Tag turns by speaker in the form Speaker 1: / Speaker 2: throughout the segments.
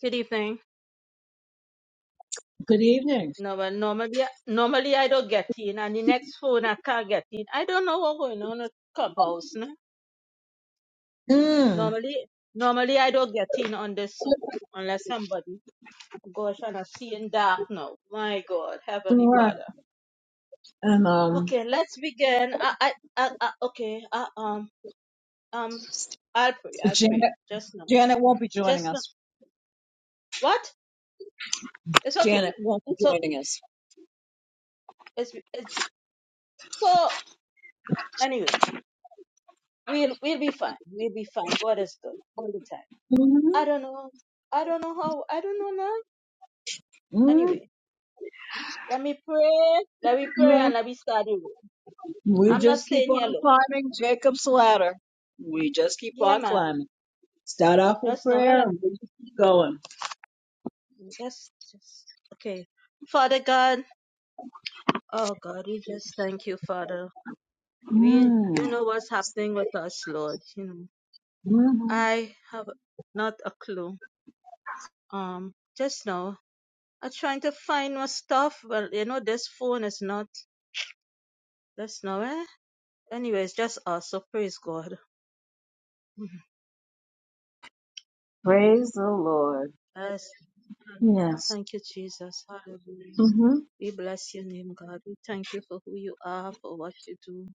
Speaker 1: Good evening.
Speaker 2: Good evening.
Speaker 1: No, well, normally, normally I don't get in, and the next phone I can't get in. I don't know what's going on at Clubhouse. No?
Speaker 2: Mm.
Speaker 1: Normally, normally I don't get in on this Zoom unless somebody. Gosh, and I'm seeing dark now. My God, Heavenly
Speaker 2: All right.
Speaker 1: Father.
Speaker 2: And um,
Speaker 1: Okay, let's begin. I, I, I, I okay. I, um, um, I'll pray. I'll pray.
Speaker 2: Janet,
Speaker 1: Just now.
Speaker 2: Janet won't be joining
Speaker 1: Just now.
Speaker 2: us.
Speaker 1: What? It's okay.
Speaker 2: Janet won't be
Speaker 1: It's okay.
Speaker 2: joining us.
Speaker 1: It's it's so anyway. We'll we'll be fine. We'll be fine. God is good all the time. I
Speaker 2: Mm-hmm.
Speaker 1: don't know. I don't know how. I don't know now. Anyway, let me pray. Let me pray
Speaker 2: mm
Speaker 1: and let me study.
Speaker 2: We
Speaker 1: I'm not
Speaker 2: just keep
Speaker 1: saying
Speaker 2: on
Speaker 1: hello.
Speaker 2: climbing Jacob's ladder. We just keep
Speaker 1: Yeah,
Speaker 2: on
Speaker 1: man.
Speaker 2: climbing. Start off with
Speaker 1: That's not well.
Speaker 2: prayer
Speaker 1: I'm,
Speaker 2: and we just keep going.
Speaker 1: that's just okay. Father God, oh God, we just thank you, Father. We, you
Speaker 2: Mm.
Speaker 1: know what's happening with us, Lord. You know,
Speaker 2: hmm
Speaker 1: I have not a clue. Um, just now, I'm trying to find my stuff, but you know, this phone is not. That's not eh? Anyway, it's just us. So praise God.
Speaker 2: Praise the Lord.
Speaker 1: Yes.
Speaker 2: Yes.
Speaker 1: Thank you, Jesus. Hallelujah.
Speaker 2: Mm-hmm.
Speaker 1: We bless your name, God. We thank you for who you are, for what you do.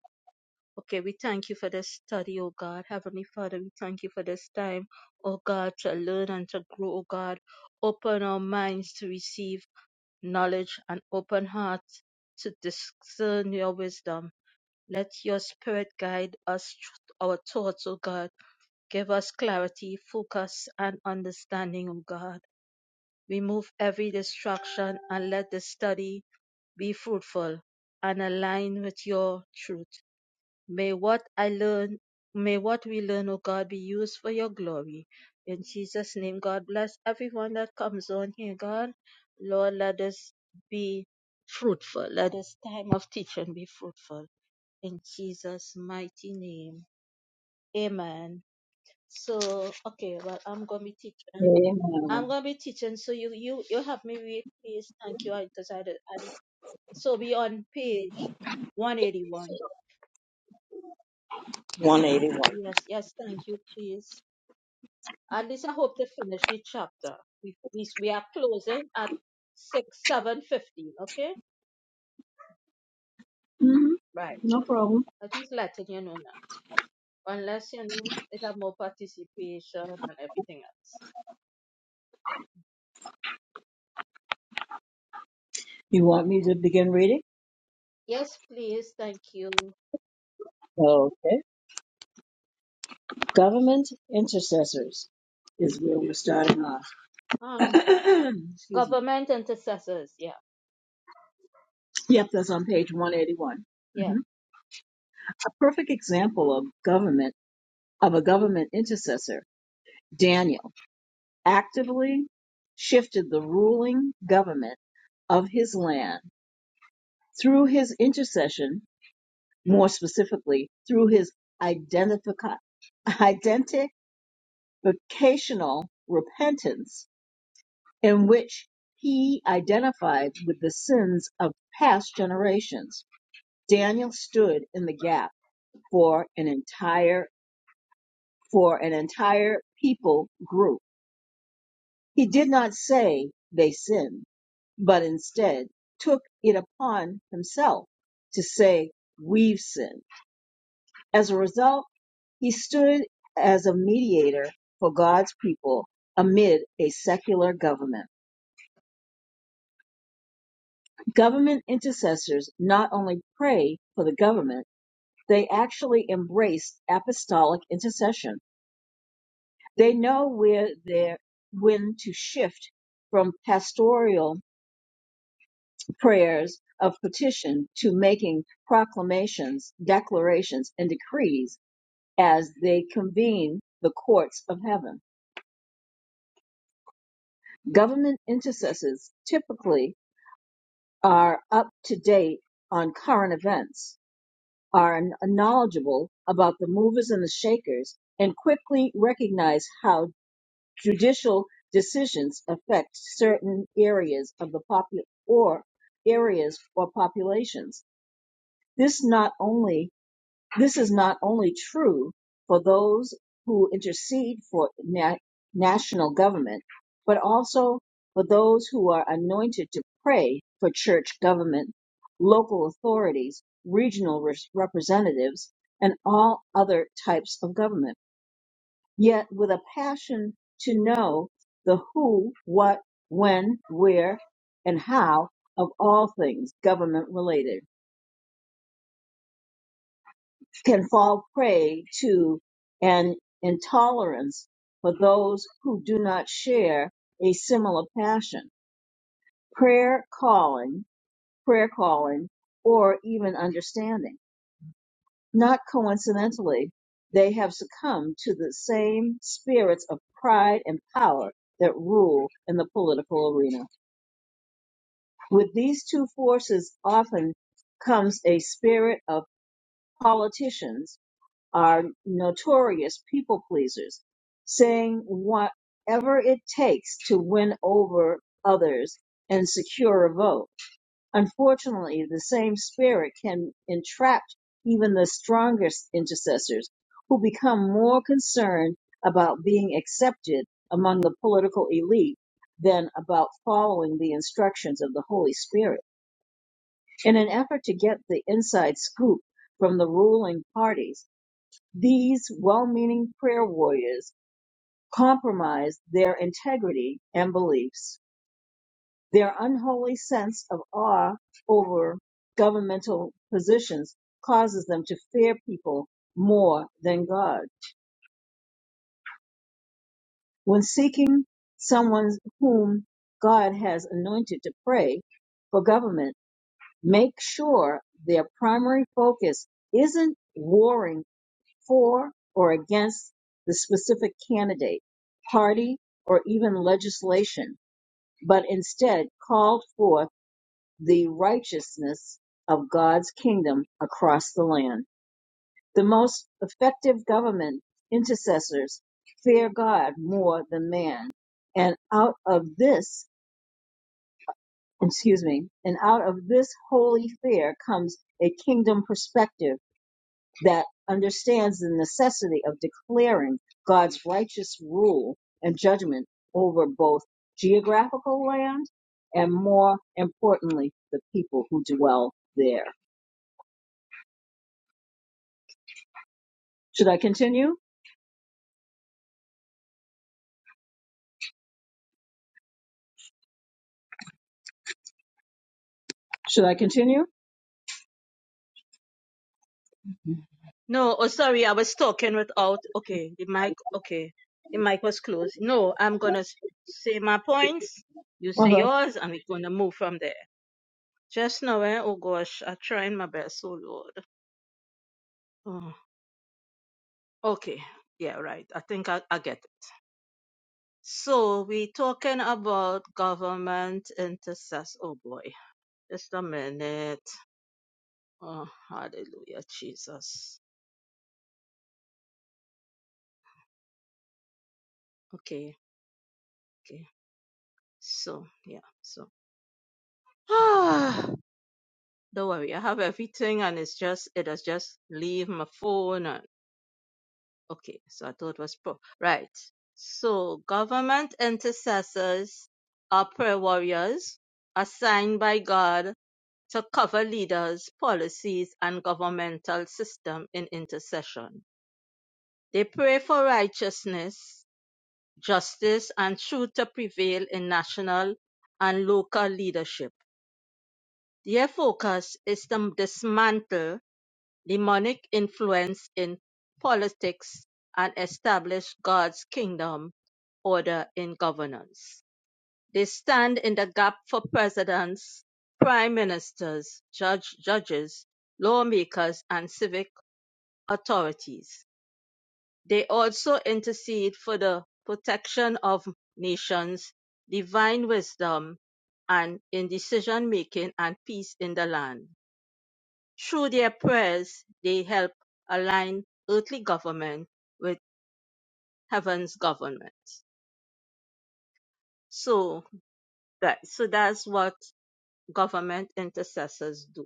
Speaker 1: Okay, we thank you for this study, oh God. Heavenly Father, we thank you for this time, oh God, to learn and to grow, oh God. Open our minds to receive knowledge and open hearts to discern your wisdom. Let your spirit guide us, our thoughts, oh God. Give us clarity, focus, and understanding, oh God. Remove every distraction and let the study be fruitful and align with your truth. May what I learn, may what we learn, O God, be used for your glory. In Jesus' name, God bless everyone that comes on here, God. Lord, let us be fruitful. Let this time of teaching be fruitful. In Jesus' mighty name. Amen. So, okay, well, I'm going to be teaching. I'm
Speaker 2: Amen.
Speaker 1: gonna be teaching, so you you you help me read, please. Thank you, because I, do I don't- so be on page one eighty one.
Speaker 2: 181.
Speaker 1: Yes, yes, thank you, please. At least I hope to finish the chapter. We we, we are closing at six seven fifteen. Okay,
Speaker 2: Mm-hmm.
Speaker 1: right.
Speaker 2: No problem.
Speaker 1: I just letting you know now. Unless you know it have more participation and everything else.
Speaker 2: You want me to begin reading?
Speaker 1: Yes, please. Thank you.
Speaker 2: Okay. Government intercessors is where we're starting off.
Speaker 1: Um,
Speaker 2: Excuse me.
Speaker 1: government intercessors. Yeah,
Speaker 2: Yep, that's on page 181.
Speaker 1: Yeah,
Speaker 2: Mhm. A perfect example of government of a government intercessor, Daniel actively shifted the ruling government of his land through his intercession, more specifically through his identifica- identificational repentance in which he identified with the sins of past generations. Daniel stood in the gap for an entire for an entire people group. He did not say they sinned, but instead took it upon himself to say we've sinned. As a result, he stood as a mediator for God's people amid a secular government. Government intercessors not only pray for the government, they actually embrace apostolic intercession. They know where they're, when to shift from pastoral prayers of petition to making proclamations, declarations, and decrees as they convene the courts of heaven. Government intercessors typically are up to date on current events are knowledgeable about the movers and the shakers and quickly recognize how judicial decisions affect certain areas of the popu- or areas or populations. This not only this is not only true for those who intercede for na- national government, but also for those who are anointed to pray for church government, local authorities, regional res- representatives, and all other types of government. Yet with a passion to know the who, what, when, where, and how of all things government related can fall prey to an intolerance for those who do not share a similar passion, prayer calling, prayer calling, or even understanding. Not coincidentally, they have succumbed to the same spirits of pride and power that rule in the political arena. With these two forces often comes a spirit of politicians are notorious people pleasers, saying whatever it takes to win over others and secure a vote. Unfortunately, the same spirit can entrap even the strongest intercessors who become more concerned about being accepted among the political elite than about following the instructions of the Holy Spirit. In an effort to get the inside scoop from the ruling parties, these well-meaning prayer warriors compromised their integrity and beliefs. Their unholy sense of awe over governmental positions causes them to fear people more than God. When seeking someone whom God has anointed to pray for government, make sure their primary focus isn't warring for or against the specific candidate, party, or even legislation, but instead called forth the righteousness of God's kingdom across the land. The most effective government intercessors fear God more than man. And out of this, excuse me, and out of this holy fear comes a kingdom perspective that understands the necessity of declaring God's righteous rule and judgment over both geographical land and more importantly, the people who dwell there. Should I continue? Should I continue?
Speaker 1: No, oh sorry, I was talking without. Okay, the mic. Okay, the mic was closed. No, I'm gonna s- say my points. You say
Speaker 2: Uh-huh.
Speaker 1: yours, and we're gonna move from there. Just now, eh? Oh gosh, I'm trying my best. Oh Lord. Oh, okay. Yeah, right. I think I, I get it. So we talking about government intercess. Oh boy, just a minute. Oh, hallelujah, Jesus. Okay, okay. So yeah, so. Don't worry, I have everything and it's just it has just leave my phone and okay, so I thought it was pro right. So government intercessors are prayer warriors assigned by God to cover leaders, policies, and governmental system in intercession. They pray for righteousness, justice, and truth to prevail in national and local leadership. Their focus is to dismantle Demonic influence in politics and establish God's kingdom order in governance. They stand in the gap for presidents, prime ministers, judge, judges, lawmakers, and civic authorities. They also intercede for the protection of nations, divine wisdom, and in decision making and peace in the land. Through their prayers, they help align earthly government with heaven's government. So that so that's what government intercessors do.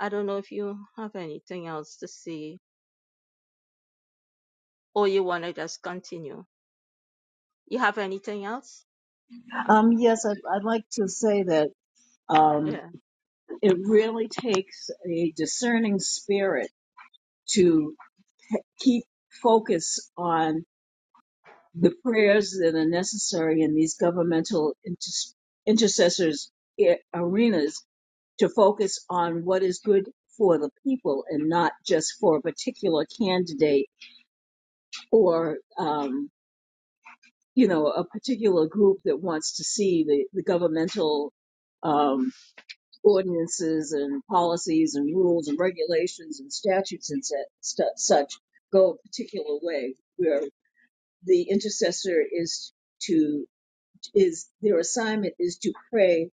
Speaker 1: I don't know if you have anything else to say or you want to just continue. You have anything else? Uh,
Speaker 2: Um, yes, I'd, I'd like to say that um,
Speaker 1: yeah.
Speaker 2: it really takes a discerning spirit to keep focus on the prayers that are necessary in these governmental inter- intercessors a- arenas to focus on what is good for the people and not just for a particular candidate or um, you know a particular group that wants to see the, the governmental um, ordinances and policies and rules and regulations and statutes and set, stu such go a particular way where the intercessor is to is their assignment is to pray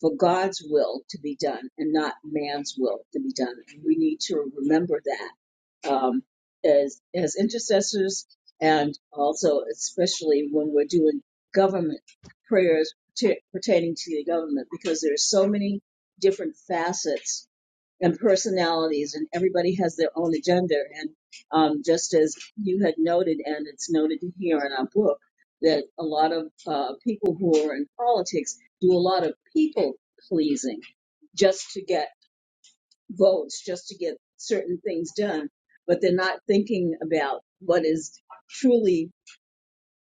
Speaker 2: for God's will to be done and not man's will to be done. And we need to remember that um, as as intercessors, and also especially when we're doing government prayers pertaining to the government, because there are so many different facets and personalities and everybody has their own agenda and um, just as you had noted and it's noted here in our book that a lot of uh, people who are in politics do a lot of people pleasing just to get votes just to get certain things done but they're not thinking about what is truly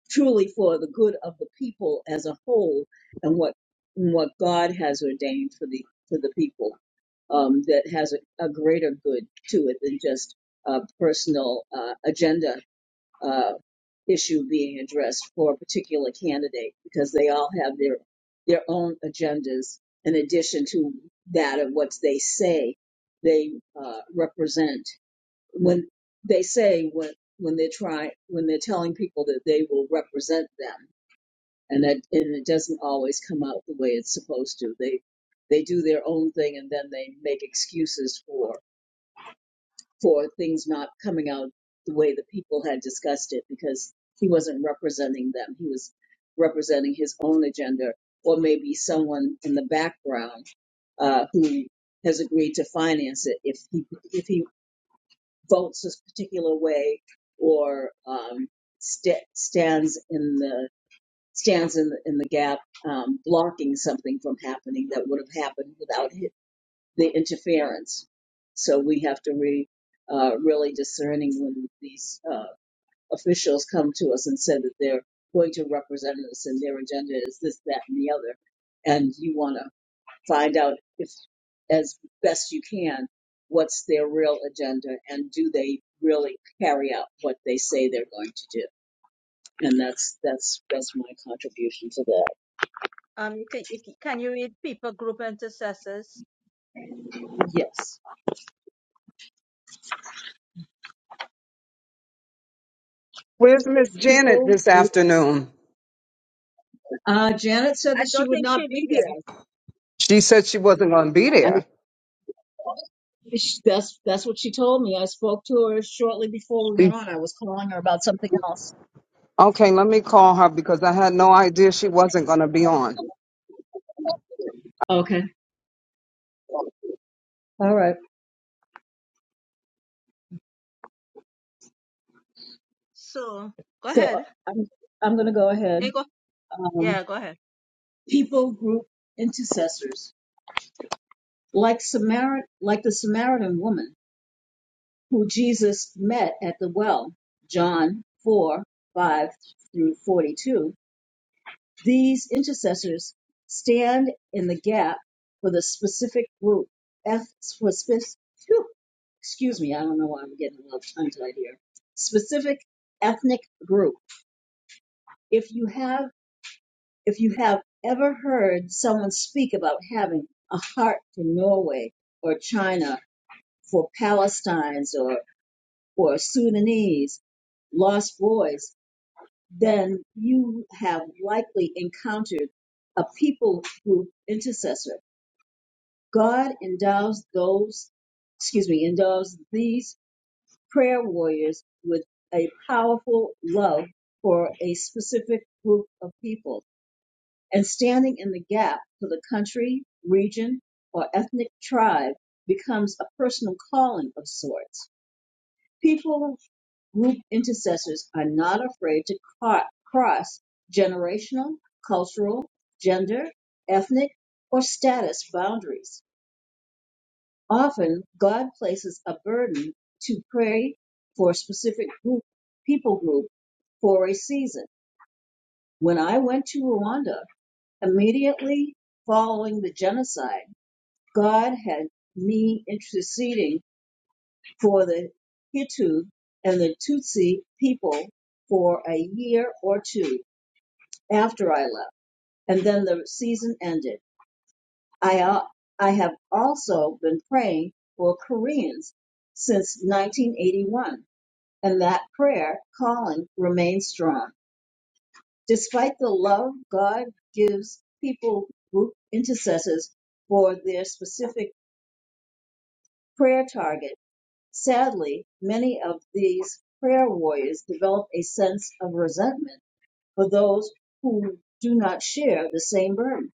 Speaker 2: truly for the good of the people as a whole and what and what God has ordained for the for the people um, that has a, a greater good to it than just a personal uh, agenda uh, issue being addressed for a particular candidate because they all have their their own agendas in addition to that of what they say they uh, represent when they say when when they're trying when they're telling people that they will represent them and that and it doesn't always come out the way it's supposed to they they do their own thing and then they make excuses for for things not coming out the way the people had discussed it because he wasn't representing them he was representing his own agenda or maybe someone in the background uh, who has agreed to finance it if he if he votes this particular way or um, sta stands in the stands in the, in the gap, um, blocking something from happening that would have happened without hi- the interference. So we have to be uh, really discerning when these uh, officials come to us and say that they're going to represent us and their agenda is this, that, and the other, and you want to find out if as best you can what's their real agenda and do they really carry out what they say they're going to do and that's that's that's my contribution to that
Speaker 1: Um. You can, you can can you read people group intercessors?
Speaker 2: yes
Speaker 3: Where's Miss Janet
Speaker 2: people
Speaker 3: this afternoon?
Speaker 2: uh, janet said
Speaker 1: I
Speaker 2: that she
Speaker 1: don't
Speaker 2: would
Speaker 1: think
Speaker 2: not
Speaker 1: she'll be
Speaker 2: be
Speaker 1: here.
Speaker 2: there
Speaker 3: She said she wasn't going to be
Speaker 2: I,
Speaker 3: there.
Speaker 2: that's that's what she told me i spoke to her shortly before we
Speaker 3: She-
Speaker 2: went on i was calling her about something else
Speaker 3: Okay, let me call her because I had no idea she wasn't going to be on.
Speaker 2: okay all right
Speaker 1: So go
Speaker 2: so uh,
Speaker 1: ahead.
Speaker 2: i'm i'm going to go ahead
Speaker 1: Eh, go-
Speaker 2: Um,
Speaker 1: Yeah. Go ahead.
Speaker 2: people group intercessors, like Samar- like the Samaritan woman who Jesus met at the well, John 4, 5 through 42. These intercessors stand in the gap for the specific group, F, for spec- phew, excuse me, I don't know why I'm getting a little tongue tied here, specific ethnic group. If you have If you have ever heard someone speak about having a heart for Norway or China, for Palestinians or, or Sudanese, lost boys, then you have likely encountered a people group intercessor. God endows those, excuse me, endows these prayer warriors with a powerful love for a specific group of people and standing in the gap for the country, region, or ethnic tribe becomes a personal calling of sorts. People group intercessors are not afraid to cro- cross generational, cultural, gender, ethnic, or status boundaries. Often, God places a burden to pray for a specific group, people group for a season. When I went to Rwanda, immediately following the genocide, God had me interceding for the Hitu and the Tutsi people for a year or two after I left, and then the season ended. I al- I have also been praying for Koreans since 1981, and that prayer calling remains strong. Despite the love God gives people group intercessors for their specific prayer target, Sadly, many of these prayer warriors develop a sense of resentment for those who do not share the same burden.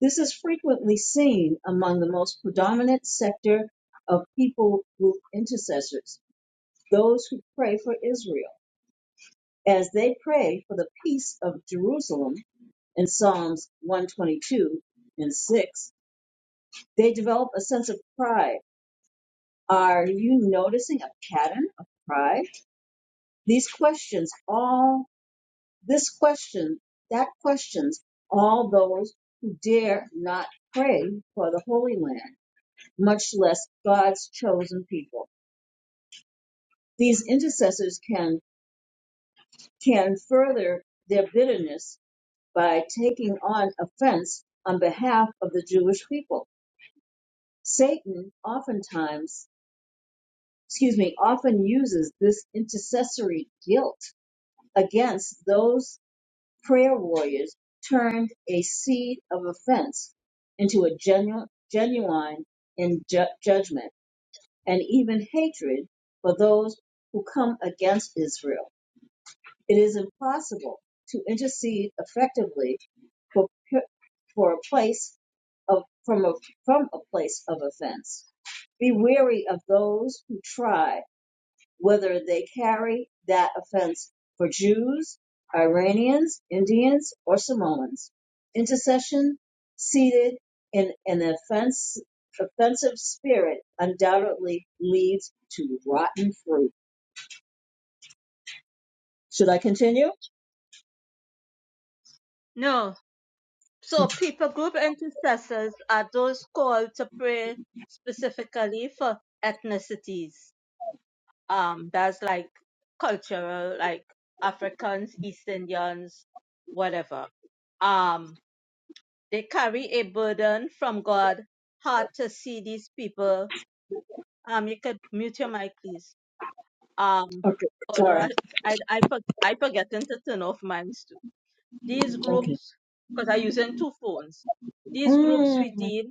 Speaker 2: This is frequently seen among the most predominant sector of people group intercessors, those who pray for Israel, as they pray for the peace of Jerusalem in Psalms 122 and 6. They develop a sense of pride. Are you noticing a pattern of pride? These questions, all this question, that questions all those who dare not pray for the Holy Land, much less God's chosen people. These intercessors can can further their bitterness by taking on offense on behalf of the Jewish people. Satan oftentimes, excuse me, often uses this intercessory guilt against those prayer warriors turned a seed of offense into a genu- genuine in ju- judgment and even hatred for those who come against Israel. It is impossible to intercede effectively for, for a place of from a from a place of offense. Be wary of those who try whether they carry that offense for Jews, Iranians, Indians, or Samoans. Intercession seated in an offense, offensive spirit undoubtedly leads to rotten fruit. Should I continue?
Speaker 1: No. So people group intercessors are those called to pray specifically for ethnicities. Um, that's like cultural, like Africans, East Indians, whatever. Um, they carry a burden from God. Hard to see these people. Um, you could mute your mic, please. Um,
Speaker 2: Okay,
Speaker 1: although
Speaker 2: sorry.
Speaker 1: I I I, for, I forgetting to turn off mine too. These
Speaker 2: Okay.
Speaker 1: groups, because I'm using two phones. These groups
Speaker 2: Mm. I
Speaker 1: redeem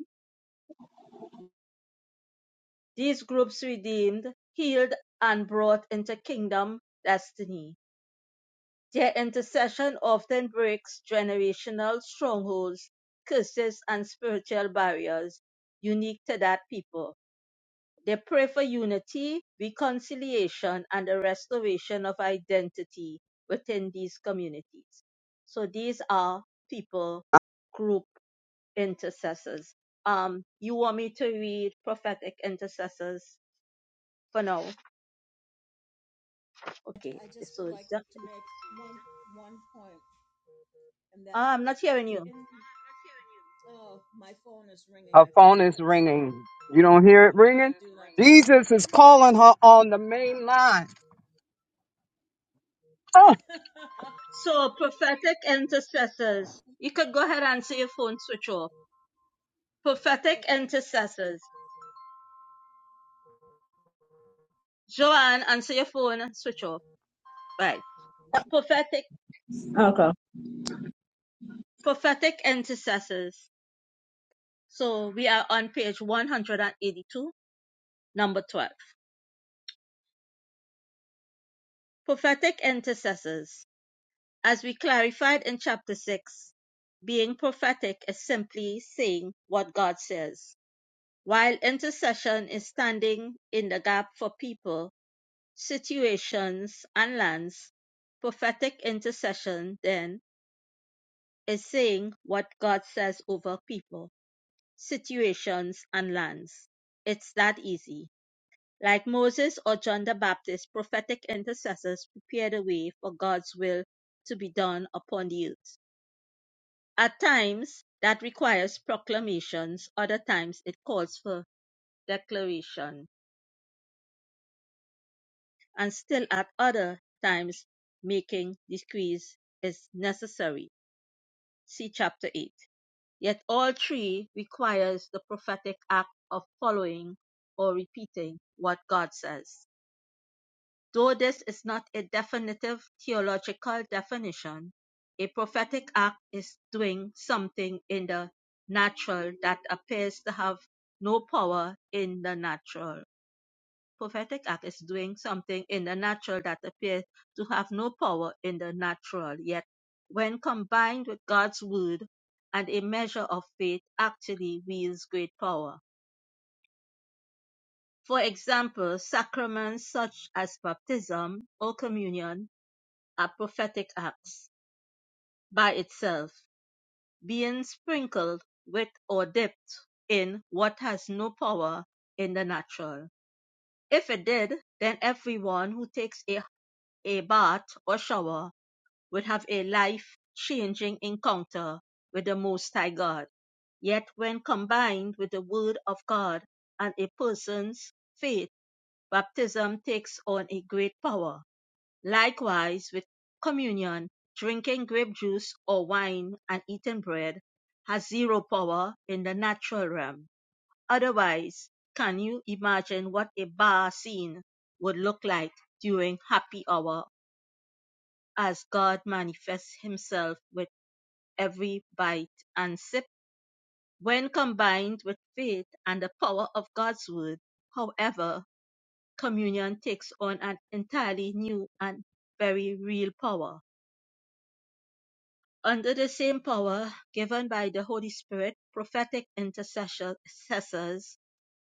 Speaker 1: These groups redeemed, healed, and brought into kingdom destiny. Their intercession often breaks generational strongholds, curses, and spiritual barriers unique to that people. They pray for unity, reconciliation, and the restoration of identity within these communities. So these are people group intercessors. Um, you want me to read prophetic intercessors for now? Okay,
Speaker 2: just
Speaker 1: so
Speaker 2: would
Speaker 1: it's
Speaker 2: like
Speaker 1: just,
Speaker 2: to make one one point, and that
Speaker 1: ah, I'm not hearing you.
Speaker 2: in, oh, my phone is ringing.
Speaker 3: Her
Speaker 2: I
Speaker 3: phone
Speaker 2: forgot
Speaker 3: is
Speaker 2: to
Speaker 3: ringing. You don't hear it
Speaker 2: put it on
Speaker 3: ringing?
Speaker 2: do not disturb.
Speaker 3: Jesus is
Speaker 2: Sorry.
Speaker 3: calling her on the main line. Oh,
Speaker 1: So prophetic intercessors. You could go ahead and say your phone switch off. Prophetic
Speaker 2: Okay.
Speaker 1: intercessors. Joanne, answer your phone and switch off. Right. Prophetic,
Speaker 2: Okay.
Speaker 1: prophetic intercessors. So we are on page 182, number 12. Prophetic intercessors. As we clarified in chapter 6, being prophetic is simply saying what God says While intercession is standing in the gap for people, situations, and lands, prophetic intercession, then, is saying what God says over people, situations, and lands. It's that easy. Like Moses or John the Baptist, prophetic intercessors prepare the way for God's will to be done upon the earth. At times, that requires proclamations, other times, it calls for declaration and still at other times making decrees is necessary. See chapter 8. Yet all three requires the prophetic act of following or repeating what God says. Though this is not a definitive theological definition, a prophetic act is doing something in the natural that appears to have no power in the natural Prophetic act is doing something in the natural that appears to have no power in the natural, yet, when combined with God's word and a measure of faith, actually wields great power. For example, sacraments such as baptism or communion are prophetic acts by itself, being sprinkled with or dipped in what has no power in the natural. If it did, then everyone who takes a A bath or shower would have a life changing encounter with the Most High God. Yet, when combined with the Word of God and a person's faith, baptism takes on a great power. Likewise, with communion, drinking grape juice or wine and eating bread has zero power in the natural realm. Otherwise, can you imagine what a bar scene would look like during happy hour as God manifests himself with every bite and sip. When combined with faith and the power of God's word, however, communion takes on an entirely new and very real power. Under the same power given by the Holy Spirit, prophetic intercessors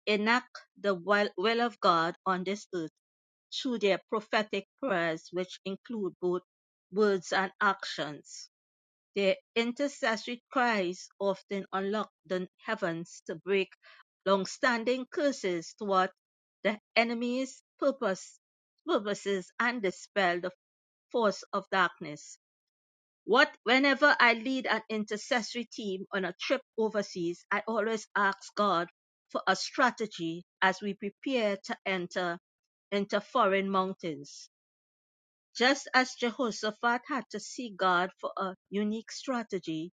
Speaker 1: enact the will of God on this earth through their prophetic prayers, which include both words and actions. Their intercessory cries often unlock the heavens to break long-standing curses toward the enemy's purpose, purposes and dispel the force of darkness. What whenever I lead an intercessory team on a trip overseas, I always ask God for a strategy as we prepare to enter into foreign mountains. Just as Jehoshaphat had to seek God for a unique strategy,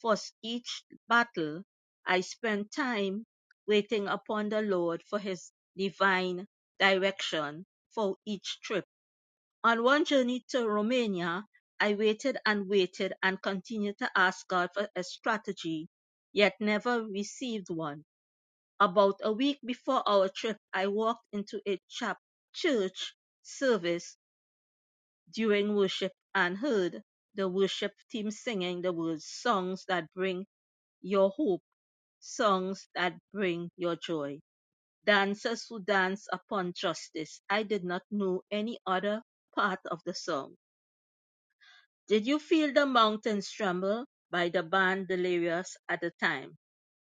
Speaker 1: for each battle, I spent time waiting upon the Lord for his divine direction for each trip. On one journey to Romania, I waited and waited and continued to ask God for a strategy, yet never received one. About a week before our trip, I walked into a chap church service during worship and heard the worship team singing the words songs that bring your hope songs that bring your joy. Dancers who dance upon justice. I did not know any other part of the song. Did you feel the mountains tremble by the band delirious at the time?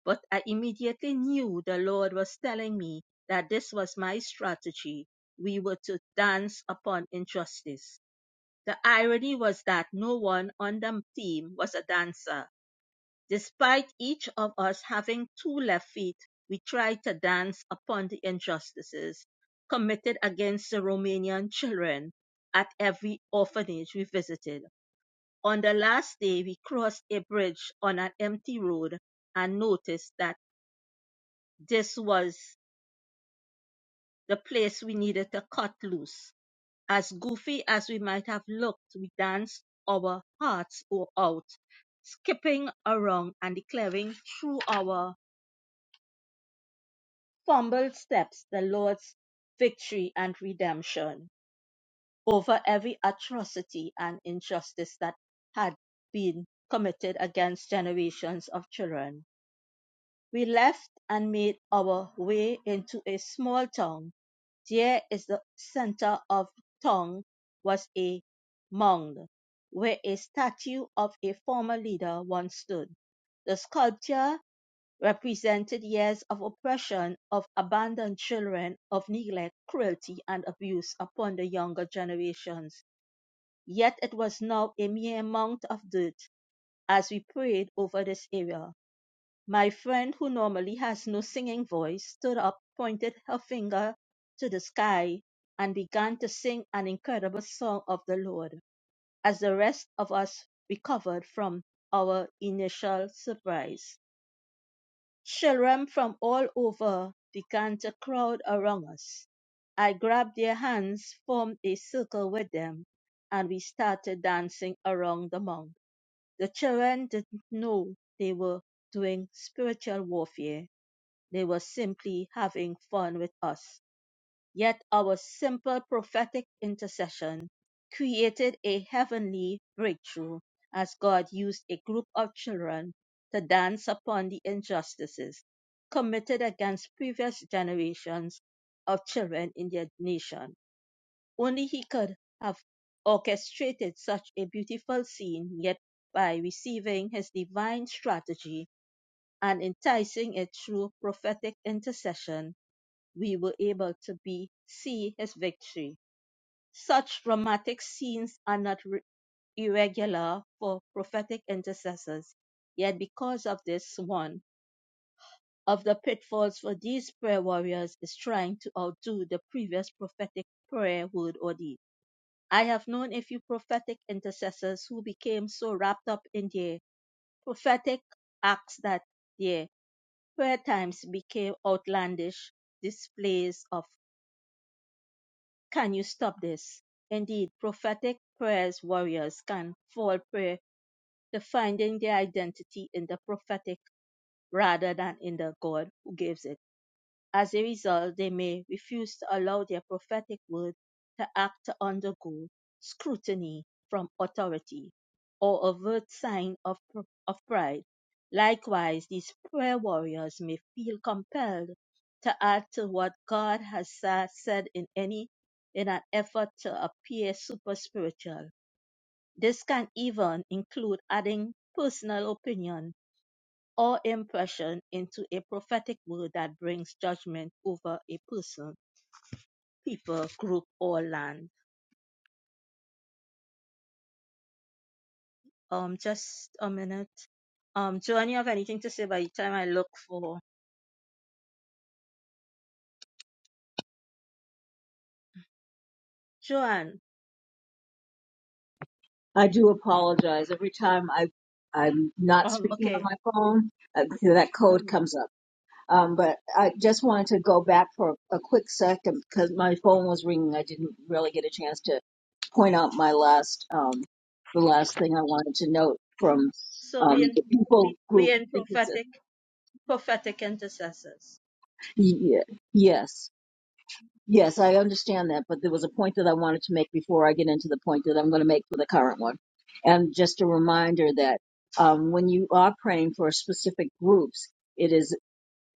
Speaker 1: But I immediately knew the Lord was telling me that this was my strategy. We were to dance upon injustice. The irony was that no one on the team was a dancer Despite each of us having two left feet, we tried to dance upon the injustices committed against the Romanian children at every orphanage we visited. On the last day, we crossed a bridge on an empty road and noticed that this was the place we needed to cut loose. As goofy as we might have looked, we danced our hearts out, skipping around and declaring through our Fumbled steps the Lord's victory and redemption over every atrocity and injustice that had been committed against generations of children. We left and made our way into a small town. There is the center of town was a mound where a statue of a former leader once stood. The sculpture represented years of oppression, of abandoned children, of neglect, cruelty, and abuse upon the younger generations. Yet it was now a mere mound of dirt as we prayed over this area. My friend, who normally has no singing voice, stood up, pointed her finger to the sky, and began to sing an incredible song of the Lord as the rest of us recovered from our initial surprise. Children from all over began to crowd around us. I grabbed their hands, formed a circle with them, and we started dancing around the mound. The children didn't know they were doing spiritual warfare. They were simply having fun with us. Yet our simple prophetic intercession created a heavenly breakthrough as God used a group of children to dance upon the injustices committed against previous generations of children in their nation. Only He could have orchestrated such a beautiful scene, yet by receiving His divine strategy and enticing it through prophetic intercession, we were able to be see his victory. Such dramatic scenes are not re- irregular for prophetic intercessors. Yet because of this one of the pitfalls for these prayer warriors is trying to outdo the previous prophetic prayer word or deed. I have known a few prophetic intercessors who became so wrapped up in their prophetic acts that their prayer times became outlandish displays of Can you stop this? Indeed, prophetic prayers warriors can fall prey to finding their identity in the prophetic rather than in the God who gives it. As a result, they may refuse to allow their prophetic word to act to undergo scrutiny from authority or overt sign of, pr- of pride. Likewise, these prayer warriors may feel compelled to add to what God has sa- said in any in an effort to appear super spiritual. This can even include adding personal opinion or impression into a prophetic word that brings judgment over a person, people, group, or land. Um, just a minute. Um, Joanne, you have anything to say by the time I look for Joanne?
Speaker 2: I do apologize. Every time I, I'm not
Speaker 1: Um,
Speaker 2: speaking on
Speaker 1: okay.
Speaker 2: my phone, uh, that
Speaker 1: No.
Speaker 2: code
Speaker 1: no.
Speaker 2: comes up. Um, but I just wanted to go back for a quick second because my phone was ringing. I didn't really get a chance to point out my last, um, the last thing I wanted to note from
Speaker 1: So we in
Speaker 2: um, the people
Speaker 1: we
Speaker 2: group.
Speaker 1: we in
Speaker 2: It's a-
Speaker 1: prophetic prophetic intercessors.
Speaker 2: yeah, Yes. Yes, I understand that, but there was a point that I wanted to make before I get into the point that I'm going to make for the current one. And just a reminder that um, when you are praying for specific groups, it is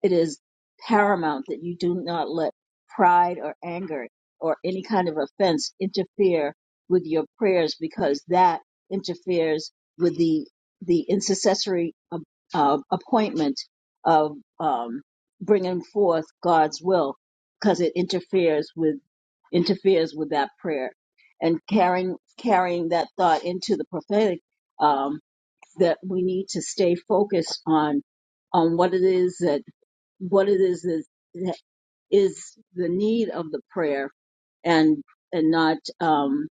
Speaker 2: it is paramount that you do not let pride or anger or any kind of offense interfere with your prayers because that interferes with the the intercessory uh, uh, appointment of um, bringing forth God's will because it interferes with interferes with that prayer and carrying carrying that thought into the prophetic um, that we need to stay focused on on what it is that what it is is, is the need of the prayer and and not um,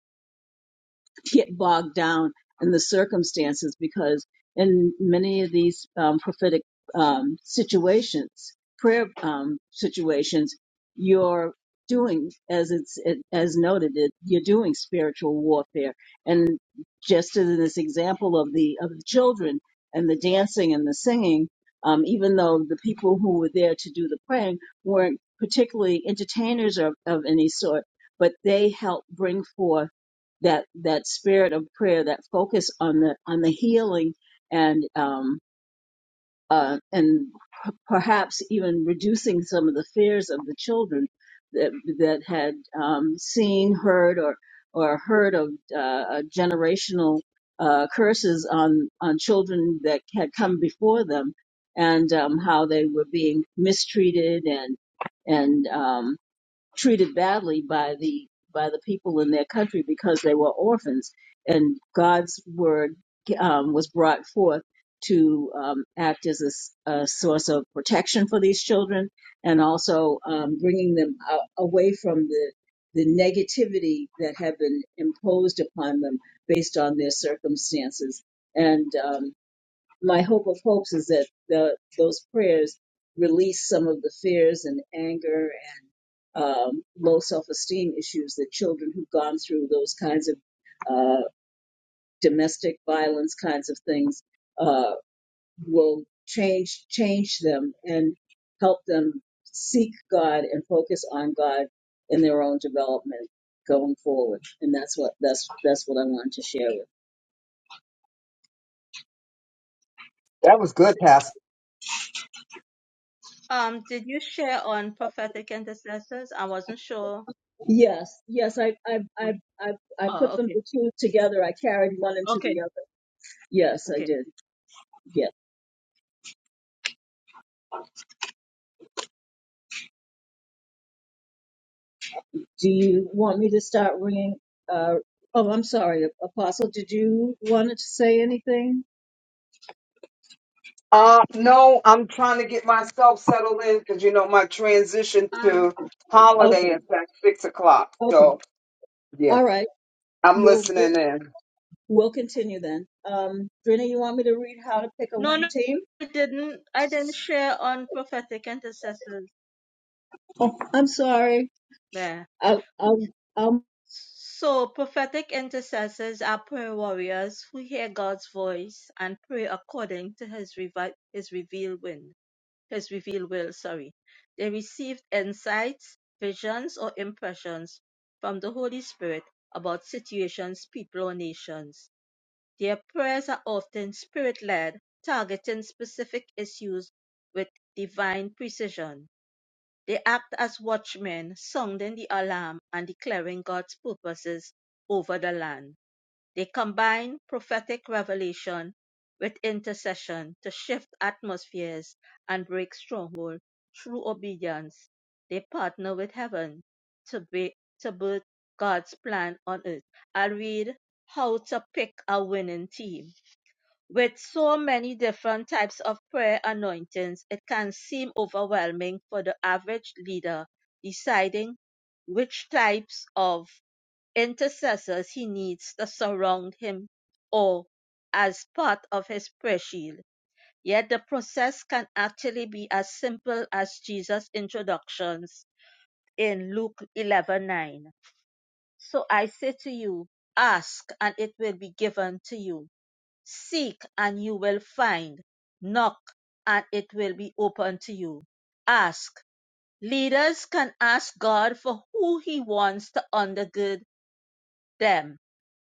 Speaker 2: get bogged down in the circumstances because in many of these um, prophetic um, situations, prayer um, situations, you're doing as it's it, as noted, it, you're doing spiritual warfare. And just as in this example of the of the children and the dancing and the singing, um, even though the people who were there to do the praying weren't particularly entertainers of, of any sort, but they helped bring forth that that spirit of prayer, that focus on the on the healing and um, uh, and p- perhaps even reducing some of the fears of the children that that had um, seen, heard, or or heard of uh, uh, generational uh, curses on on children that had come before them, and um, how they were being mistreated and and um, treated badly by the by the people in their country because they were orphans, and God's word um, was brought forth to um, act as a, s- a source of protection for these children, and also um, bringing them uh, away from the the negativity that had been imposed upon them based on their circumstances. And um, my hope of hopes is that the, those prayers release some of the fears and anger and um, low self-esteem issues that children who've gone through those kinds of uh, domestic violence kinds of things uh, will change change them and help them seek God and focus on God in their own development going forward. And that's what that's that's what I wanted to share with. you.
Speaker 3: that was good, Pastor.
Speaker 1: Um, did you share on prophetic intercessors? I wasn't sure.
Speaker 2: Yes, yes, I, I, I, I, I put
Speaker 1: Oh,
Speaker 2: them
Speaker 1: okay,
Speaker 2: the two together. I carried one into
Speaker 1: okay,
Speaker 2: the other. Yes, I
Speaker 1: okay.
Speaker 2: did. Yes. Do you want me to start ringing? Uh, oh, I'm sorry, Apostle. Did you want to say anything?
Speaker 3: Uh, no, I'm trying to get myself settled in because you know my transition
Speaker 1: Um,
Speaker 3: to holiday
Speaker 2: Okay,
Speaker 3: is at six o'clock.
Speaker 2: okay,
Speaker 3: So yeah,
Speaker 2: all right.
Speaker 3: I'm
Speaker 2: We'll we'll,
Speaker 3: listening in.
Speaker 2: we'll continue then. Um, Drina, you want me to read how to pick a
Speaker 1: No, no,
Speaker 2: winning team?
Speaker 1: I didn't. I didn't share on prophetic intercessors
Speaker 2: I'm sorry.
Speaker 1: there.
Speaker 2: I, I'll, I'll
Speaker 1: So, prophetic intercessors are prayer warriors who hear God's voice and pray according to His revi- His revealed will. His revealed will. Sorry, they receive insights, visions, or impressions from the Holy Spirit about situations, people, or nations. Their prayers are often spirit-led, targeting specific issues with divine precision. They act as watchmen, sounding the alarm and declaring God's purposes over the land. They combine prophetic revelation with intercession to shift atmospheres and break strongholds through obedience. They partner with heaven to, be, to birth God's plan on earth. I'll read how to pick a winning team. With so many different types of prayer anointings, it can seem overwhelming for the average leader deciding which types of intercessors he needs to surround him or as part of his prayer shield. Yet the process can actually be as simple as Jesus' introductions in Luke 11:9. So I say to you, ask and it will be given to you Seek and you will find. Knock and it will be open to you. Ask. Leaders can ask God for who he wants to undergird them.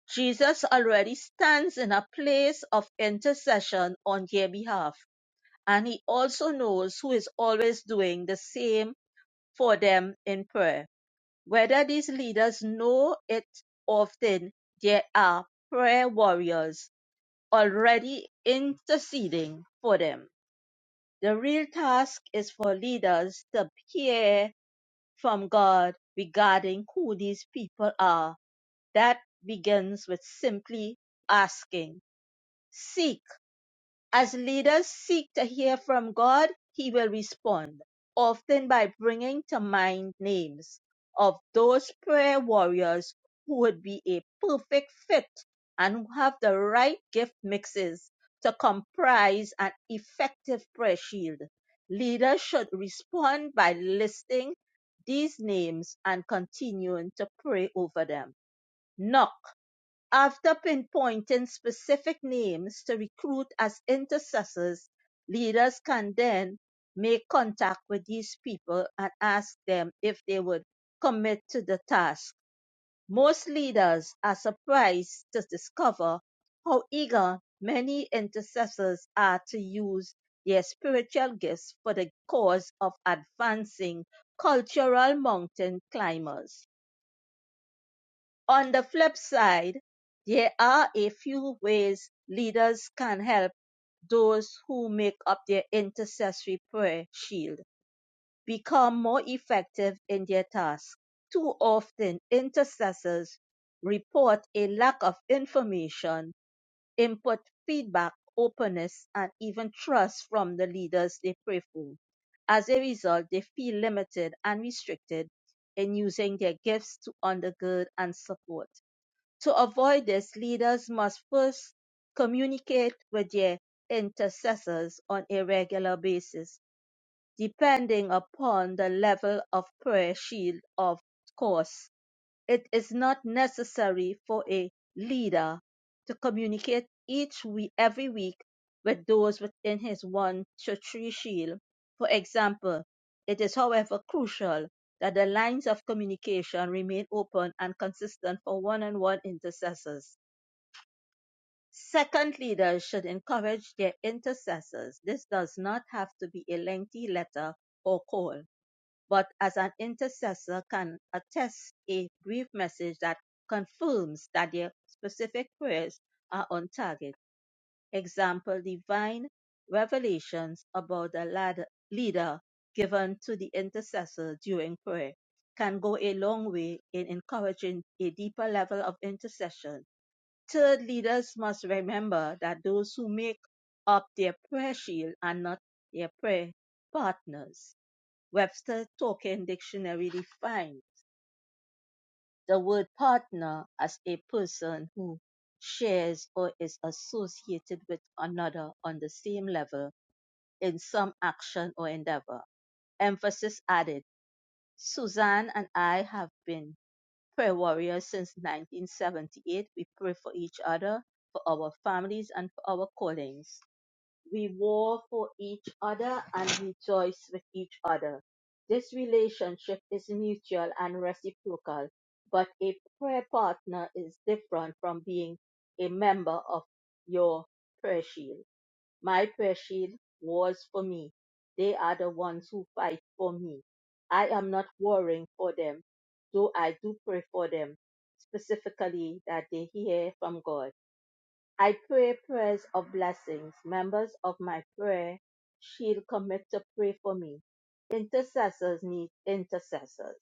Speaker 1: Jesus already stands in a place of intercession on their behalf, and he also knows who is always doing the same for them in prayer. Whether these leaders know it often, they are prayer warriors already interceding for them. The real task is for leaders to hear from God regarding who these people are. That begins with simply asking, Seek as leaders seek to hear from God, He will respond, often by bringing to mind names of those prayer warriors who would be a perfect fit and who have the right gift mixes to comprise an effective prayer shield. Leaders should respond by listing these names and continuing to pray over them. Knock after pinpointing specific names to recruit as intercessors, leaders can then make contact with these people and ask them if they would commit to the task. Most leaders are surprised to discover how eager many intercessors are to use their spiritual gifts for the cause of advancing cultural mountain climbers. On the flip side, there are a few ways leaders can help those who make up their intercessory prayer shield become more effective in their task. Too often, intercessors report a lack of information, input, feedback, openness, and even trust from the leaders they pray for. As a result, they feel limited and restricted in using their gifts to undergird and support. To avoid this, leaders must first communicate with their intercessors on a regular basis, depending upon the level of prayer shield, of course. It is not necessary for a leader to communicate each week, every week with those within his one to shield. For example, it is however crucial that the lines of communication remain open and consistent for one-on-one intercessors. Second, leaders should encourage their intercessors. This does not have to be a lengthy letter or call but as an intercessor can attest a brief message that confirms that their specific prayers are on target. Example, divine revelations about the leader given to the intercessor during prayer can go a long way in encouraging a deeper level of intercession. Third, leaders must remember that those who make up their prayer shield are not their prayer partners Webster's Talking Dictionary defines the word partner as a person who shares or is associated with another on the same level in some action or endeavor. Emphasis added. Suzanne and I have been prayer warriors since 1978. We pray for each other, for our families, and for our callings. We war for each other and rejoice with each other. This relationship is mutual and reciprocal, but a prayer partner is different from being a member of your prayer shield. My prayer shield wars for me. They are the ones who fight for me. I am not worrying for them, though I do pray for them, specifically that they hear from God I pray prayers of blessings. Members of my prayer shield commit to pray for me. Intercessors need intercessors.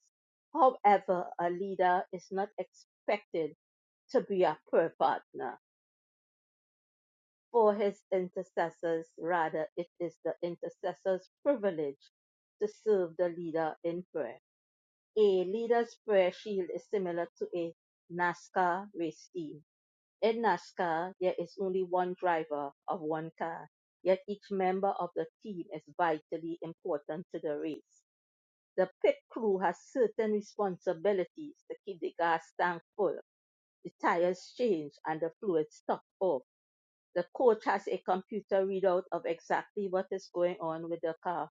Speaker 1: However, a leader is not expected to be a prayer partner for his intercessors. Rather, it is the intercessor's privilege to serve the leader in prayer. A leader's prayer shield is similar to a NASCAR race team in NASCAR, there is only one driver of one car, yet each member of the team is vitally important to the race. The pit crew has certain responsibilities to keep the gas tank full, the tires changed, and the fluids topped off. The coach has a computer readout of exactly what is going on with the car,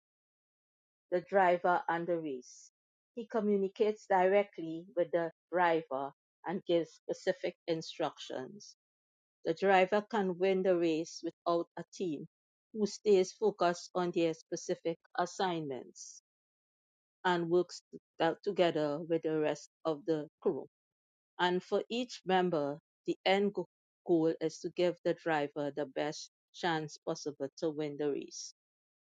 Speaker 1: the driver, and the race. He communicates directly with the driver and gives specific instructions. The driver can win the race without a team, who stays focused on their specific assignments and works to- together with the rest of the crew. And for each member, the end go- goal is to give the driver the best chance possible to win the race.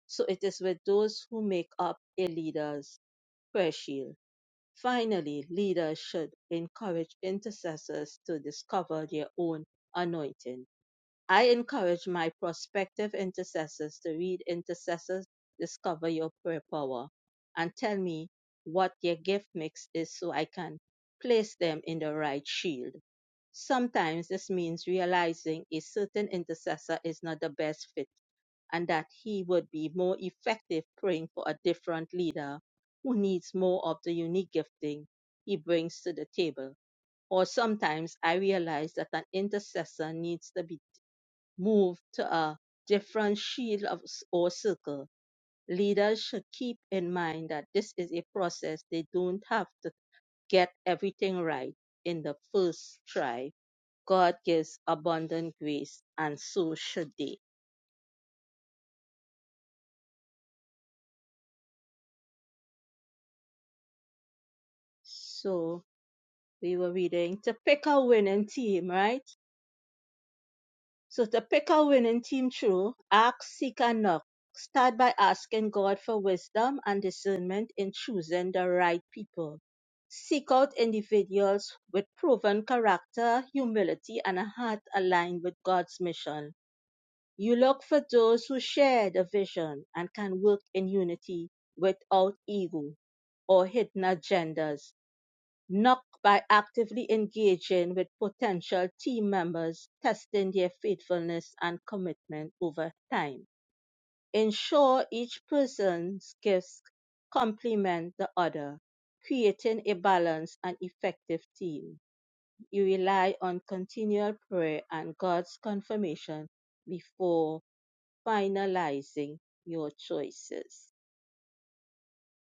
Speaker 1: So it is with those who make up a leader's prayer shield. Finally, leaders should encourage intercessors to discover their own anointing I encourage my prospective intercessors to read Intercessors Discover Your Prayer Power and tell me what their gift mix is so I can place them in the right shield. Sometimes this means realizing a certain intercessor is not the best fit and that he would be more effective praying for a different leader who needs more of the unique gifting he brings to the table. Or sometimes I realize that an intercessor needs to be move to a different shield of, s- or circle, leaders should keep in mind that this is a process. They don't have to get everything right in the first try. God gives abundant grace, and so should they. So we were reading to pick a winning team, right? So to pick a winning team through, ask, seek, and knock. Start by asking God for wisdom and discernment in choosing the right people. Seek out individuals with proven character, humility, and a heart aligned with God's mission. You look for those who share the vision and can work in unity without ego or hidden agendas NOC by actively engaging with potential team members, testing their faithfulness and commitment over time. Ensure each person's gifts complement the other, creating a balanced and effective team. You rely on continual prayer and God's confirmation before finalizing your choices.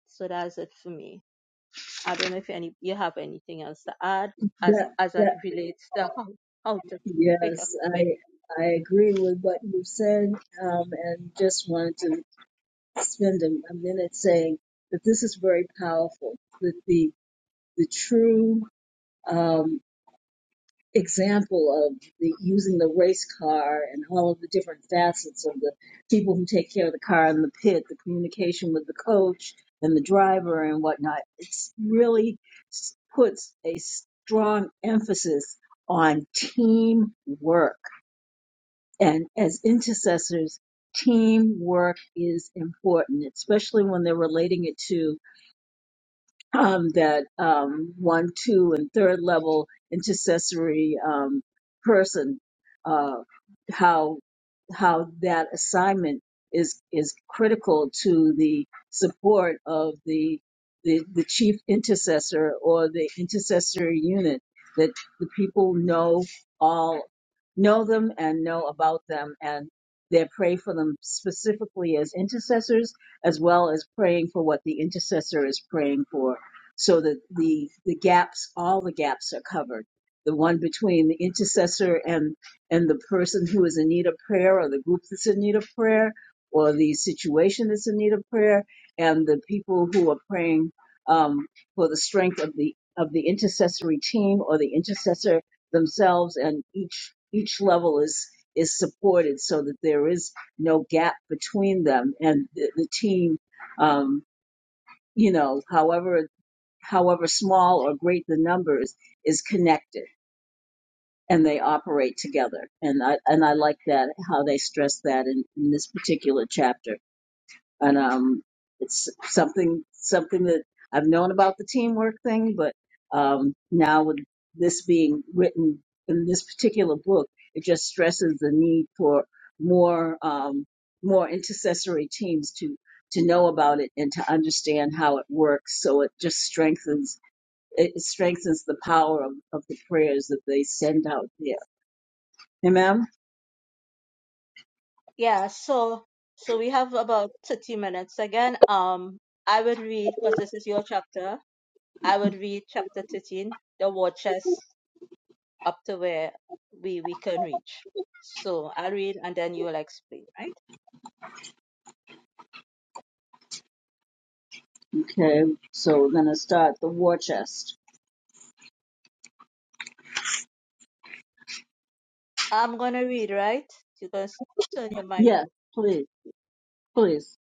Speaker 1: So that's it for me. I don't know if any you have anything else to add as
Speaker 2: that
Speaker 1: as it
Speaker 2: that
Speaker 1: relates to how, how to pick up
Speaker 2: yes,
Speaker 1: with
Speaker 2: I I agree with what you said, um, and just wanted to spend a, a minute saying that this is very powerful. That the the true um, example of the, using the race car and all of the different facets of the people who take care of the car in the pit, the communication with the coach and the driver and whatnot. It's really s- puts a strong emphasis on teamwork. And as intercessors, teamwork is important, especially when they're relating it to um, that um, one, two, and third level intercessory um, person, uh, how how that assignment is is critical to the support of the the, the chief intercessor or the intercessory unit that the people know all know them and know about them and they pray for them specifically as intercessors as well as praying for what the intercessor is praying for so that the the gaps, all the gaps are covered. The one between the intercessor and and the person who is in need of prayer, or the group that's in need of prayer, or the situation that's in need of prayer, and the people who are praying um, for the strength of the of the intercessory team or the intercessor themselves, and each each level is is supported so that there is no gap between them and the, the team um, you know, however however small or great the numbers is, is connected and they operate together. And I and I like that how they stress that in, in this particular chapter. And um, it's something something that I've known about the teamwork thing, but um, now with this being written in this particular book, it just stresses the need for more um, more intercessory teams to to know about it and to understand how it works. So it just strengthens it strengthens the power of, of the prayers that they send out there. Amen?
Speaker 1: yeah so so we have about 30 minutes again um I would read because this is your chapter I would read chapter 13 the war chest up to where we we can reach so I'll read and then you'll explain right
Speaker 2: Okay, so we're going to start the war chest.
Speaker 1: I'm gonna read right you can s- turn your mic
Speaker 2: Yes,
Speaker 1: off.
Speaker 2: please, please,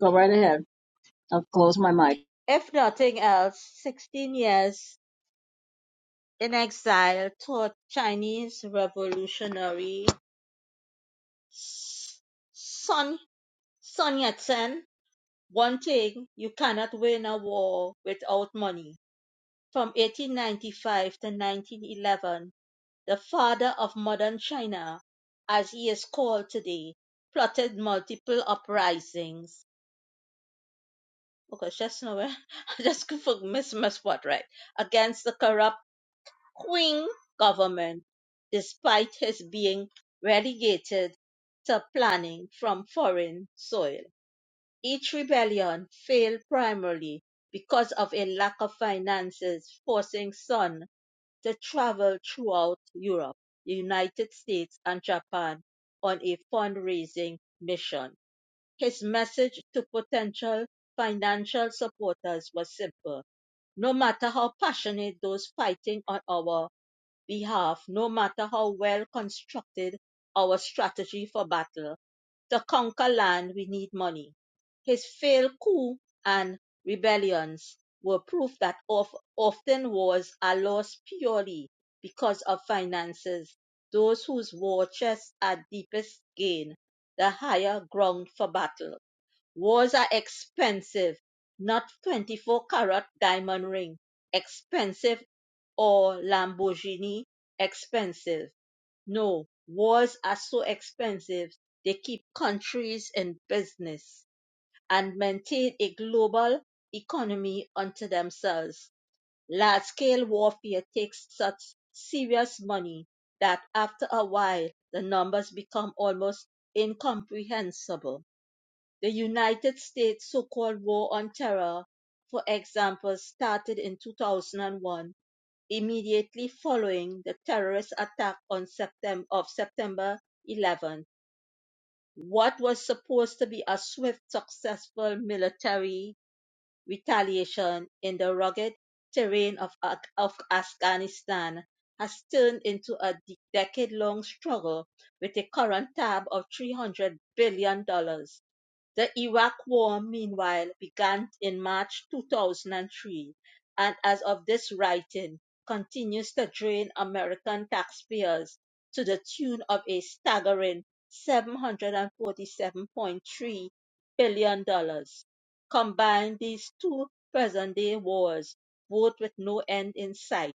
Speaker 2: go right ahead. I'll close my mic.
Speaker 1: if nothing else 16 years In exile, taught Chinese revolutionary Sun Sun Yat-sen one thing: you cannot win a war without money. From 1895 to 1911, the father of modern China, as he is called today, plotted multiple uprisings. Okay, just know eh? I just could miss miss what right against the corrupt Qing government, despite his being relegated to planning from foreign soil. Each rebellion failed primarily because of a lack of finances, forcing Sun to travel throughout Europe, the United States, and Japan on a fundraising mission. His message to potential financial supporters was simple no matter how passionate those fighting on our behalf, no matter how well constructed our strategy for battle. To conquer land, we need money. His failed coup and rebellions were proof that of, often wars are lost purely because of finances. Those whose war chests are deepest gain the higher ground for battle was a expensive, not 24 carat diamond ring, expensive or Lamborghini expensive. No, wars are so expensive they keep countries in business and maintain a global economy unto themselves. Large scale warfare takes such serious money that after a while the numbers become almost incomprehensible. The United States so-called War on Terror, for example, started in 2001, immediately following the terrorist attack on September, of September 11. What was supposed to be a swift, successful military retaliation in the rugged terrain of, of Afghanistan has turned into a decade long struggle with a current tab of $300 billion dollars the Iraq War, meanwhile, began in March 2003 and, as of this writing, continues to drain American taxpayers to the tune of a staggering $747.3 billion. dollars. Combine these two present day wars, both with no end in sight,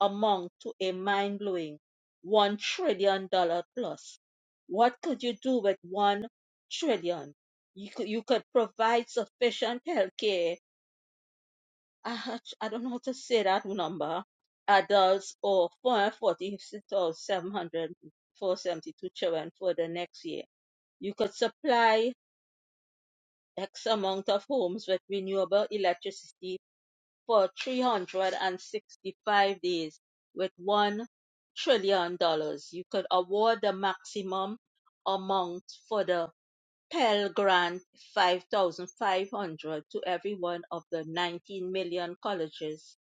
Speaker 1: amount to a mind blowing $1 trillion dollar plus. What could you do with $1 trillion? you could you could provide sufficient healthcare. I, I don't know how to say that number. Adults or 446,700 children for the next year. You could supply X amount of homes with renewable electricity for 365 days with $1 trillion. dollars. You could award the maximum amount for the Pell grant five thousand five hundred dollars to every one of the nineteen million colleges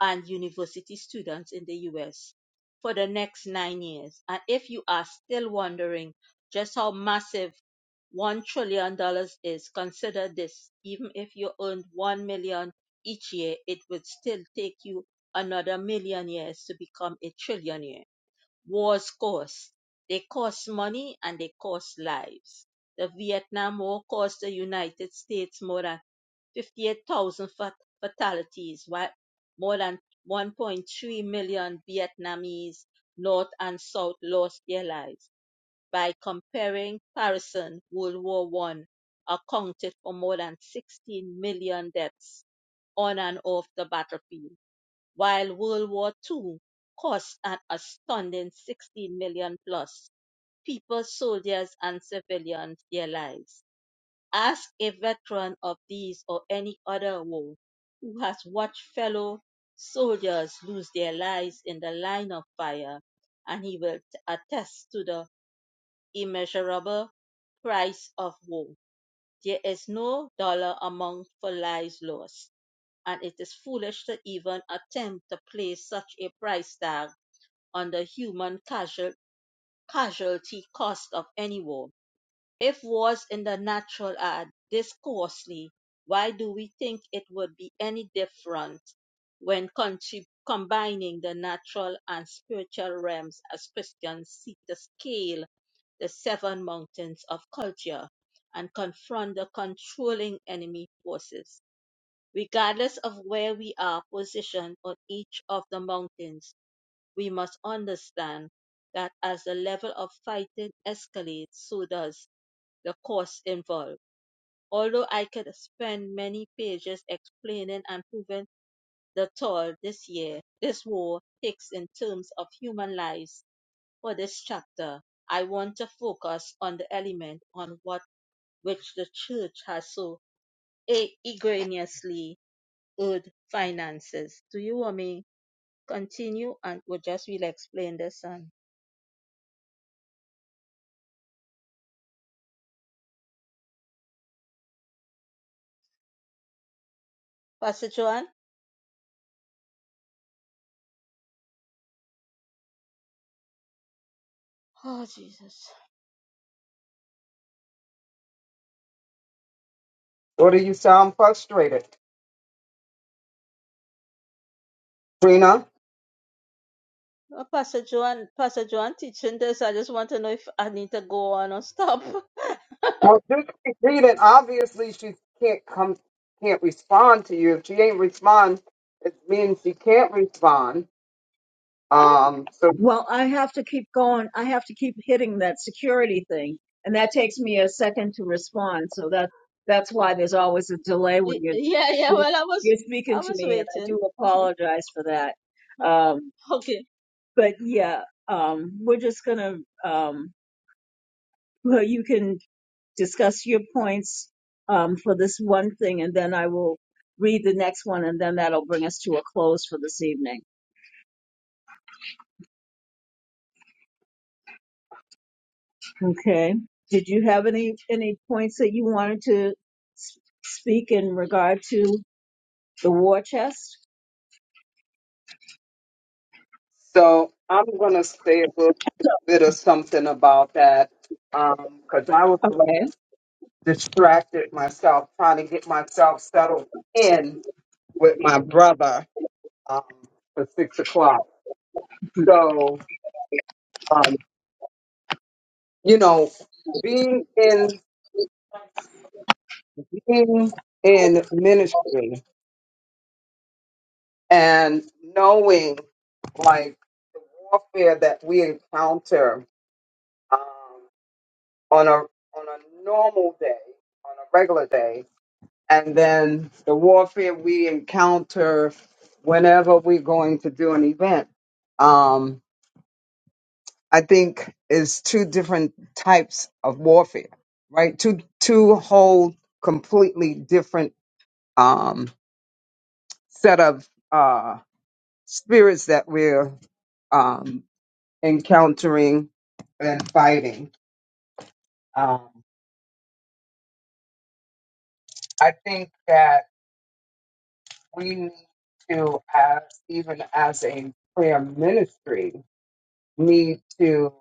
Speaker 1: and university students in the US for the next nine years. And if you are still wondering just how massive one trillion dollars is, consider this. Even if you earned one million dollars each year, it would still take you another million years to become a trillionaire wars cost. They cost money and they cost lives. The Vietnam War cost the United States more than 58,000 fatalities, while more than 1.3 million Vietnamese, North and South, lost their lives. By comparing comparison, World War One accounted for more than 16 million deaths on and off the battlefield while World War Two cost an astounding 16 million plus people, soldiers, and civilians their lives. Ask a veteran of these or any other war who has watched fellow soldiers lose their lives in the line of fire, and he will attest to the immeasurable price of war. There is no dollar amount for lives lost and it is foolish to even attempt to place such a price tag on the human casual, casualty cost of any war. If wars in the natural are this costly, why do we think it would be any different when contrib- combining the natural and spiritual realms as Christians seek to scale the seven mountains of culture and confront the controlling enemy forces? Regardless of where we are positioned on each of the mountains, we must understand that as the level of fighting escalates, so does the cost involved. Although I could spend many pages explaining and proving the toll this year, this war takes in terms of human lives for this chapter, I want to focus on the element on what which the church has so e- egregiously owed finances. Do you want me continue and we'll just will explain this and Pastor Joan? Oh Jesus.
Speaker 3: What do you sound frustrated, Trina?
Speaker 1: Uh, Pastor Joan Pastor Joan teaching this. I just want to know if I need to go on or stop.
Speaker 3: Well, since she's reading, obviously she can't come, can't respond to you. If she ain't respond, it means she can't respond.
Speaker 1: huh?
Speaker 3: Um, so,
Speaker 2: Well, I have to keep going. I have to keep hitting that security thing. And that takes me a second to respond. So that that's why there's always a delay when you're,
Speaker 1: Yeah, yeah, well I was
Speaker 2: you're
Speaker 1: I
Speaker 2: speaking to
Speaker 1: was
Speaker 2: me. And I
Speaker 1: waiting.
Speaker 2: do apologize for that. Um,
Speaker 1: okay.
Speaker 2: but yeah, um, we're just going to, um, well, you can discuss your points um, for this one thing, and then I will read the next one, and then that'll bring us to a close for this evening. Okay. Did you have any any points that you wanted to s- speak in regard to the war chest?
Speaker 3: so I'm gonna say a little
Speaker 2: So,
Speaker 3: bit of something about that, um, because I was like,
Speaker 2: okay,
Speaker 3: distracted myself trying to get myself settled in with my brother um, for six o'clock. So, um, you know, being in being in ministry. and knowing like the warfare that we encounter um, on a on a normal day, on a regular day, and then the warfare we encounter whenever we're going to do an event. Um, I think is two different types of warfare, right? Two two whole completely different um, set of uh, spirits that we're um, encountering and fighting. Um, I think that we need to, as even as a prayer ministry, need to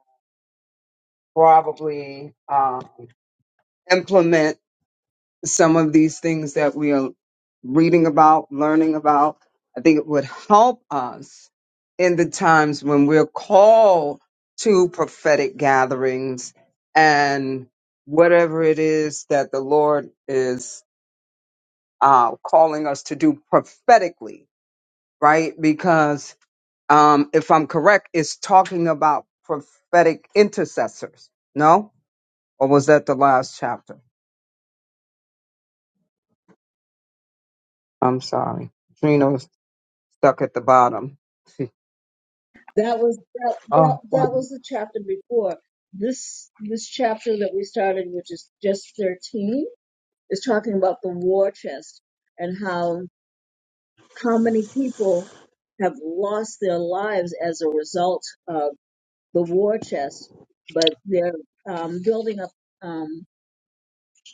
Speaker 3: probably um, implement some of these things that we are reading about, learning about. I think it would help us in the times when we're called to prophetic gatherings and whatever it is that the Lord is uh, calling us to do prophetically, right? Because um, if I'm correct, it's talking about prophetic intercessors. No, or was that the last chapter? I'm sorry, Trina's stuck at the bottom.
Speaker 2: that was that, that
Speaker 3: Oh,
Speaker 2: that
Speaker 3: fine.
Speaker 2: was the chapter before this this chapter that we started, which is just thirteen, is talking about the war chest and how How many people have lost their lives as a result of the war chest? But they're um, building up um,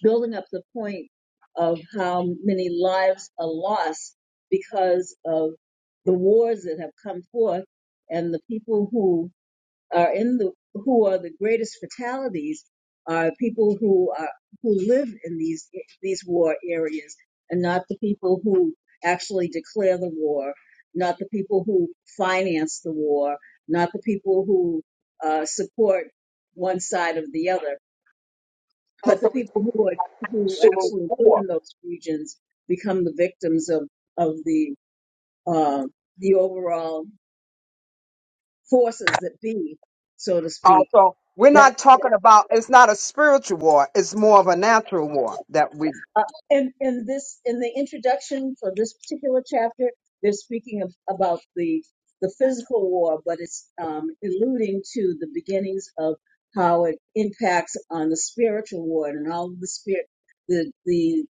Speaker 2: building up the point of how many lives are lost because of the wars that have come forth and the people who are in the who are the greatest fatalities are people who are who live in these these war areas and not the people who actually declare the war not the people who finance the war not the people who uh, support one side or the other
Speaker 3: oh
Speaker 2: but the
Speaker 3: so we
Speaker 2: people who are who
Speaker 3: spiritual
Speaker 2: actually live
Speaker 3: war.
Speaker 2: in those regions become the victims of of the uh, the overall forces that be so to speak
Speaker 3: Also, we're not
Speaker 2: that
Speaker 3: talking about. It's not a spiritual war. It's more of a natural war that we.
Speaker 2: Uh, in, in this, in the introduction for this particular chapter, they're speaking of, about the the physical war, but it's um, alluding to the beginnings of how it impacts on the spiritual war and all the spirit, the the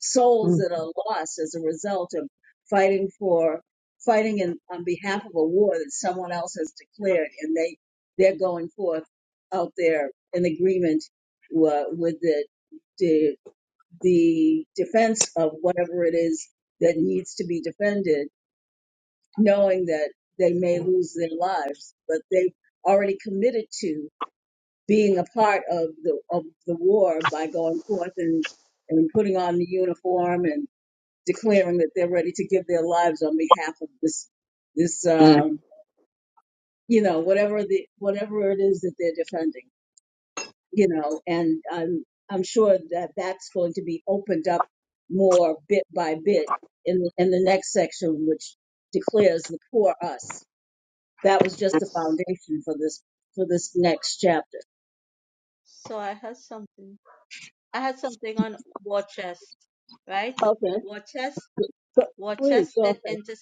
Speaker 2: souls
Speaker 3: Mm,
Speaker 2: that are lost as a result of fighting for fighting in, on behalf of a war that someone else has declared, and they they're going forth out there in agreement uh, with the the the defense of whatever it is that needs to be defended, knowing that they may lose their lives, but they've already committed to being a part of the of the war by going forth and and putting on the uniform and declaring that they're ready to give their lives on behalf of this this
Speaker 3: mm.
Speaker 2: um, you know whatever the whatever it is that they're defending. you know, and I'm I'm sure that that's going to be opened up more bit by bit in in the next section, which declares the poor us. That was just the foundation for this for this next chapter.
Speaker 1: So I had something. I had something on war chest, right?
Speaker 2: Okay,
Speaker 1: War chest,
Speaker 2: so
Speaker 1: war
Speaker 2: please
Speaker 1: chest
Speaker 2: go
Speaker 1: and
Speaker 2: ahead.
Speaker 1: inter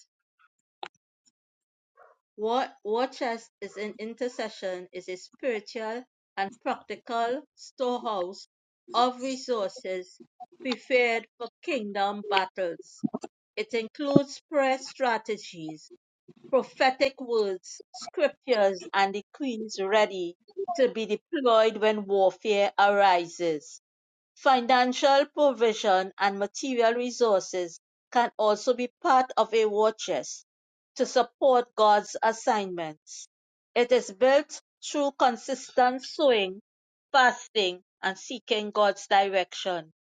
Speaker 1: War war chest is an intercession is a spiritual and practical storehouse of resources prepared for kingdom battles. It includes prayer strategies, prophetic words, scriptures, and decrees ready to be deployed when warfare arises. Financial provision and material resources can also be part of a war chest to support God's assignments. It is built through consistent sowing, fasting, and seeking God's direction.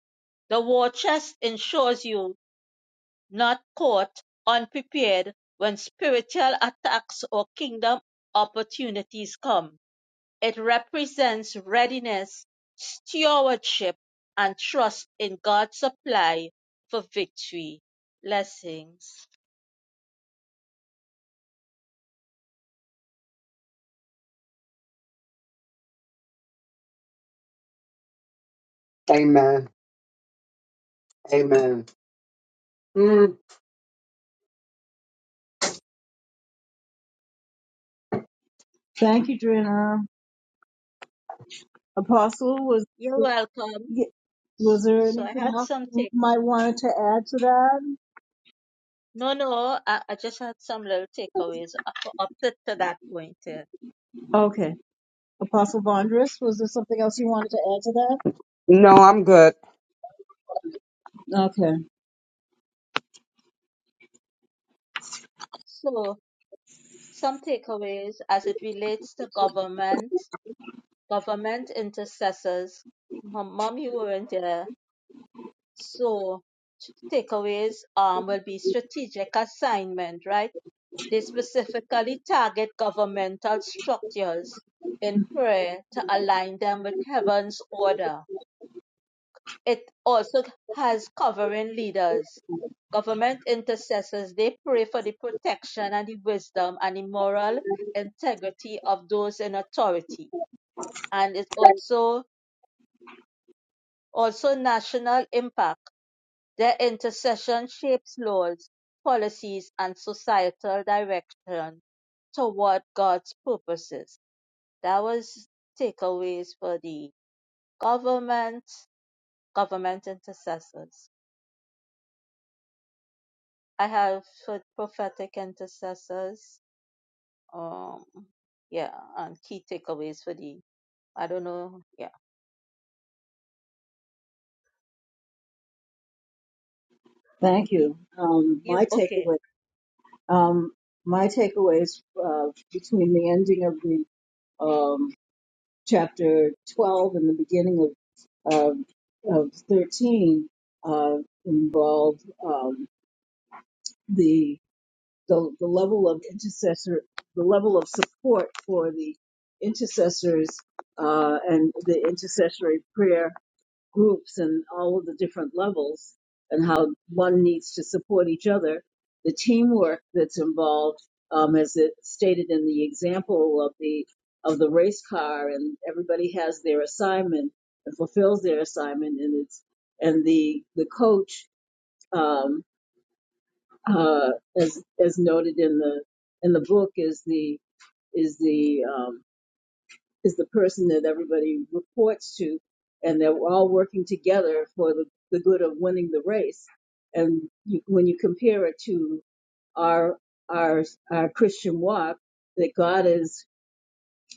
Speaker 1: The war chest ensures you not caught unprepared when spiritual attacks or kingdom opportunities come. It represents readiness, stewardship, and trust in God's supply for victory. Blessings.
Speaker 3: Amen. Amen. Mm,
Speaker 2: Thank you, Drina. Apostle, was
Speaker 1: You're welcome.
Speaker 2: was there
Speaker 1: So I
Speaker 2: anything
Speaker 1: had
Speaker 2: else
Speaker 1: some
Speaker 2: you
Speaker 1: take.
Speaker 2: might wanted to add to that?
Speaker 1: No, no, I, I just had some little takeaways up, up to, to that point. Here.
Speaker 2: Okay, Apostle Vondris, was there something else you wanted to add to
Speaker 3: No, I'm good.
Speaker 2: that? Okay,
Speaker 1: So some takeaways as it relates to government, government intercessors. Mom, Mom, you weren't there. So takeaways um will be strategic assignment, right? They specifically target governmental structures in prayer to align them with heaven's order. It also has covering leaders. Government intercessors, they pray for the protection and the wisdom and the moral integrity of those in authority. And it also also national impact. Their intercession shapes laws, policies, and societal direction toward God's purposes. That was takeaways for the government, government intercessors. I have for prophetic intercessors. Um, yeah, and key takeaways for the. I don't know. Yeah,
Speaker 2: thank
Speaker 1: you,
Speaker 2: you. Um,
Speaker 1: you
Speaker 2: my
Speaker 1: okay?
Speaker 2: takeaway. Um, my takeaways uh, between the ending of the um, chapter 12 and the beginning of of, of 13 uh, involved um, the, the the level of intercessor, the level of support for the intercessors uh, and the intercessory prayer groups and all of the different levels and how one needs to support each other. The teamwork that's involved, um, as it stated in the example of the of the race car, and everybody has their assignment and fulfills their assignment, and it's and the the coach, um, uh, as as noted in the in the book, is the is the um, is the person that everybody reports to, and they're all working together for the, the good of winning the race. And you, when you compare it to our our our Christian walk, that God is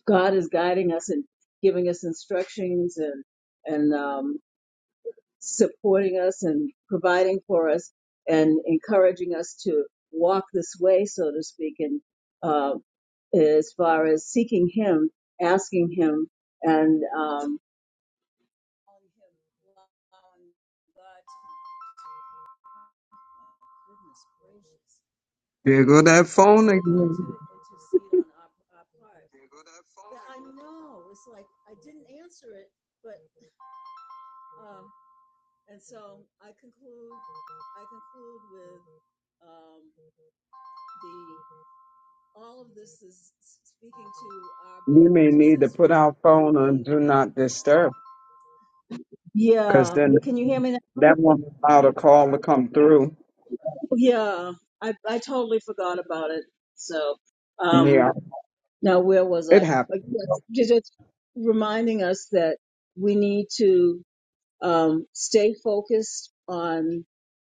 Speaker 2: God is guiding us and giving us instructions and and um, supporting us and providing for us and encouraging us to walk this way, so to speak, and uh, as far as seeking Him, asking Him, and um, allowing God to,
Speaker 3: There go that phone again.
Speaker 2: intercede on our, our part. Yeah, I know. It's like I didn't answer it, but. um, And so I conclude I conclude with um, the all of this is speaking to our
Speaker 3: You
Speaker 2: being
Speaker 3: may need to put
Speaker 2: intercessors
Speaker 3: our
Speaker 2: and
Speaker 3: phone on
Speaker 2: being
Speaker 3: do not disturb, because
Speaker 2: yeah.
Speaker 3: then
Speaker 2: Can you hear me now?
Speaker 3: that won't allow the call to come through.
Speaker 2: Yeah. I, I totally forgot about it. So um
Speaker 3: Yeah,
Speaker 2: now where was
Speaker 3: it
Speaker 2: I?
Speaker 3: happens.
Speaker 2: Uh, Yes, just just reminding us that we need to um, stay focused on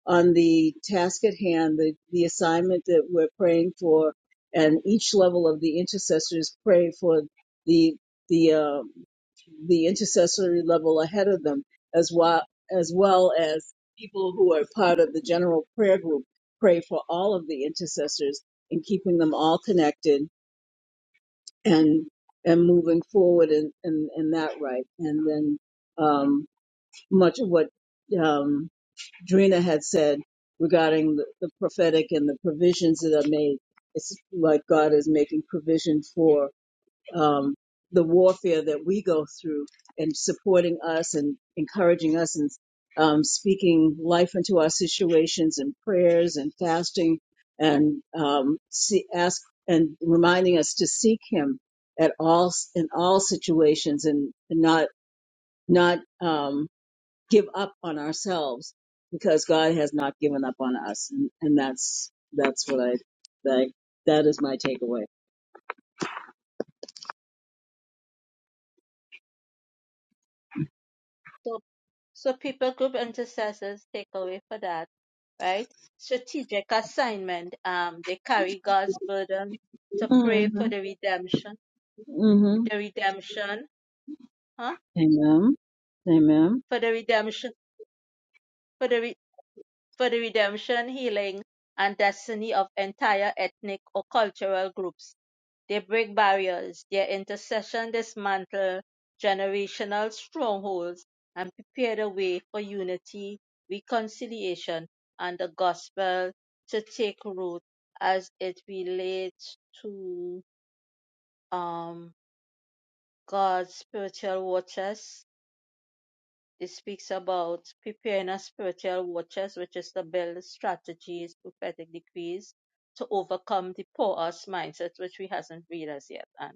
Speaker 2: on the task at hand, the, the assignment that we're praying for, and each level of the intercessors pray for the the um, the intercessory level ahead of them, as well as well as people who are part of the general prayer group pray for all of the intercessors and keeping them all connected and and moving forward in, in, in that right. And then um, much of what um, Drina had said regarding the, the prophetic and the provisions that are made. It's like God is making provision for um, the warfare that we go through and supporting us and encouraging us and um, speaking life into our situations and prayers and fasting and um, see, ask and reminding us to seek Him at all in all situations and, and not not um, give up on ourselves because God has not given up on us, and, and that's that's what I that that is my takeaway.
Speaker 1: So so people group intercessors takeaway for that, right? Strategic assignment. Um, they carry God's burden to
Speaker 2: hmm
Speaker 1: pray for the redemption,
Speaker 2: hmm
Speaker 1: the redemption, huh?
Speaker 2: Amen. Amen.
Speaker 1: For the redemption. for the. re- for the redemption, healing, and destiny of entire ethnic or cultural groups. They break barriers. Their intercession dismantle generational strongholds and prepare the way for unity, reconciliation, and the gospel to take root as it relates to um, God's spiritual waters. This speaks about preparing as spiritual watchers, which is to build strategies, prophetic decrees to overcome the poor us mindset, which we hasn't read as yet. And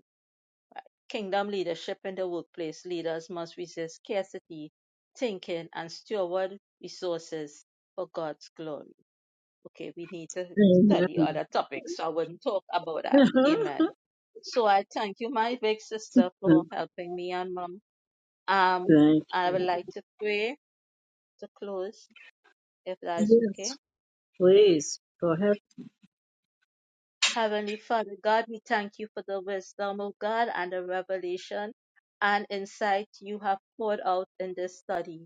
Speaker 1: kingdom leadership in the workplace, leaders must resist scarcity thinking and steward resources for God's glory. Okay, we need to study
Speaker 2: Amen.
Speaker 1: other topics, so I wouldn't talk about that. Amen. So I thank you, my big sister, for helping me and mom. Um,
Speaker 2: Thank
Speaker 1: I would
Speaker 2: you.
Speaker 1: like to pray to close if that's okay.
Speaker 2: Yes, please go ahead.
Speaker 1: Heavenly Father God, we thank you for the wisdom of God and the revelation and insight you have poured out in this study.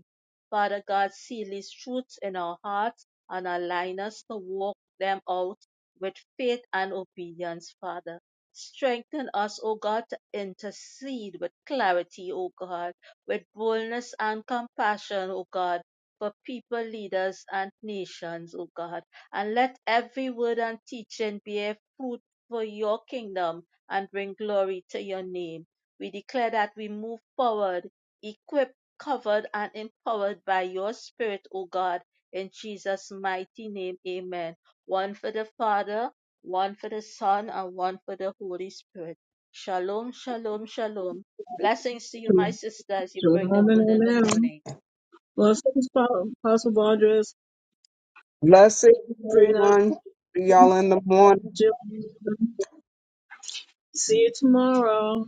Speaker 1: Father God, seal these truths in our hearts and align us to walk them out with faith and obedience, Father. Strengthen us, O God, to intercede with clarity, O God, with boldness and compassion, O God, for people, leaders, and nations, O God. And let every word and teaching bear fruit for your kingdom and bring glory to your name. We declare that we move forward, equipped, covered, and empowered by your Spirit, O God, in Jesus' mighty name. Amen. One for the Father, one for the Son, and one for the Holy Spirit. Shalom, shalom, shalom. Blessings to you, my sister, as you bring the
Speaker 2: Shalom and
Speaker 1: word in the
Speaker 2: amen.
Speaker 1: morning.
Speaker 2: Well, thanks, Paul- Apostle Vondres,
Speaker 3: Blessed
Speaker 2: Brina,
Speaker 3: everyone. See y'all in the morning.
Speaker 2: Jill. See you tomorrow.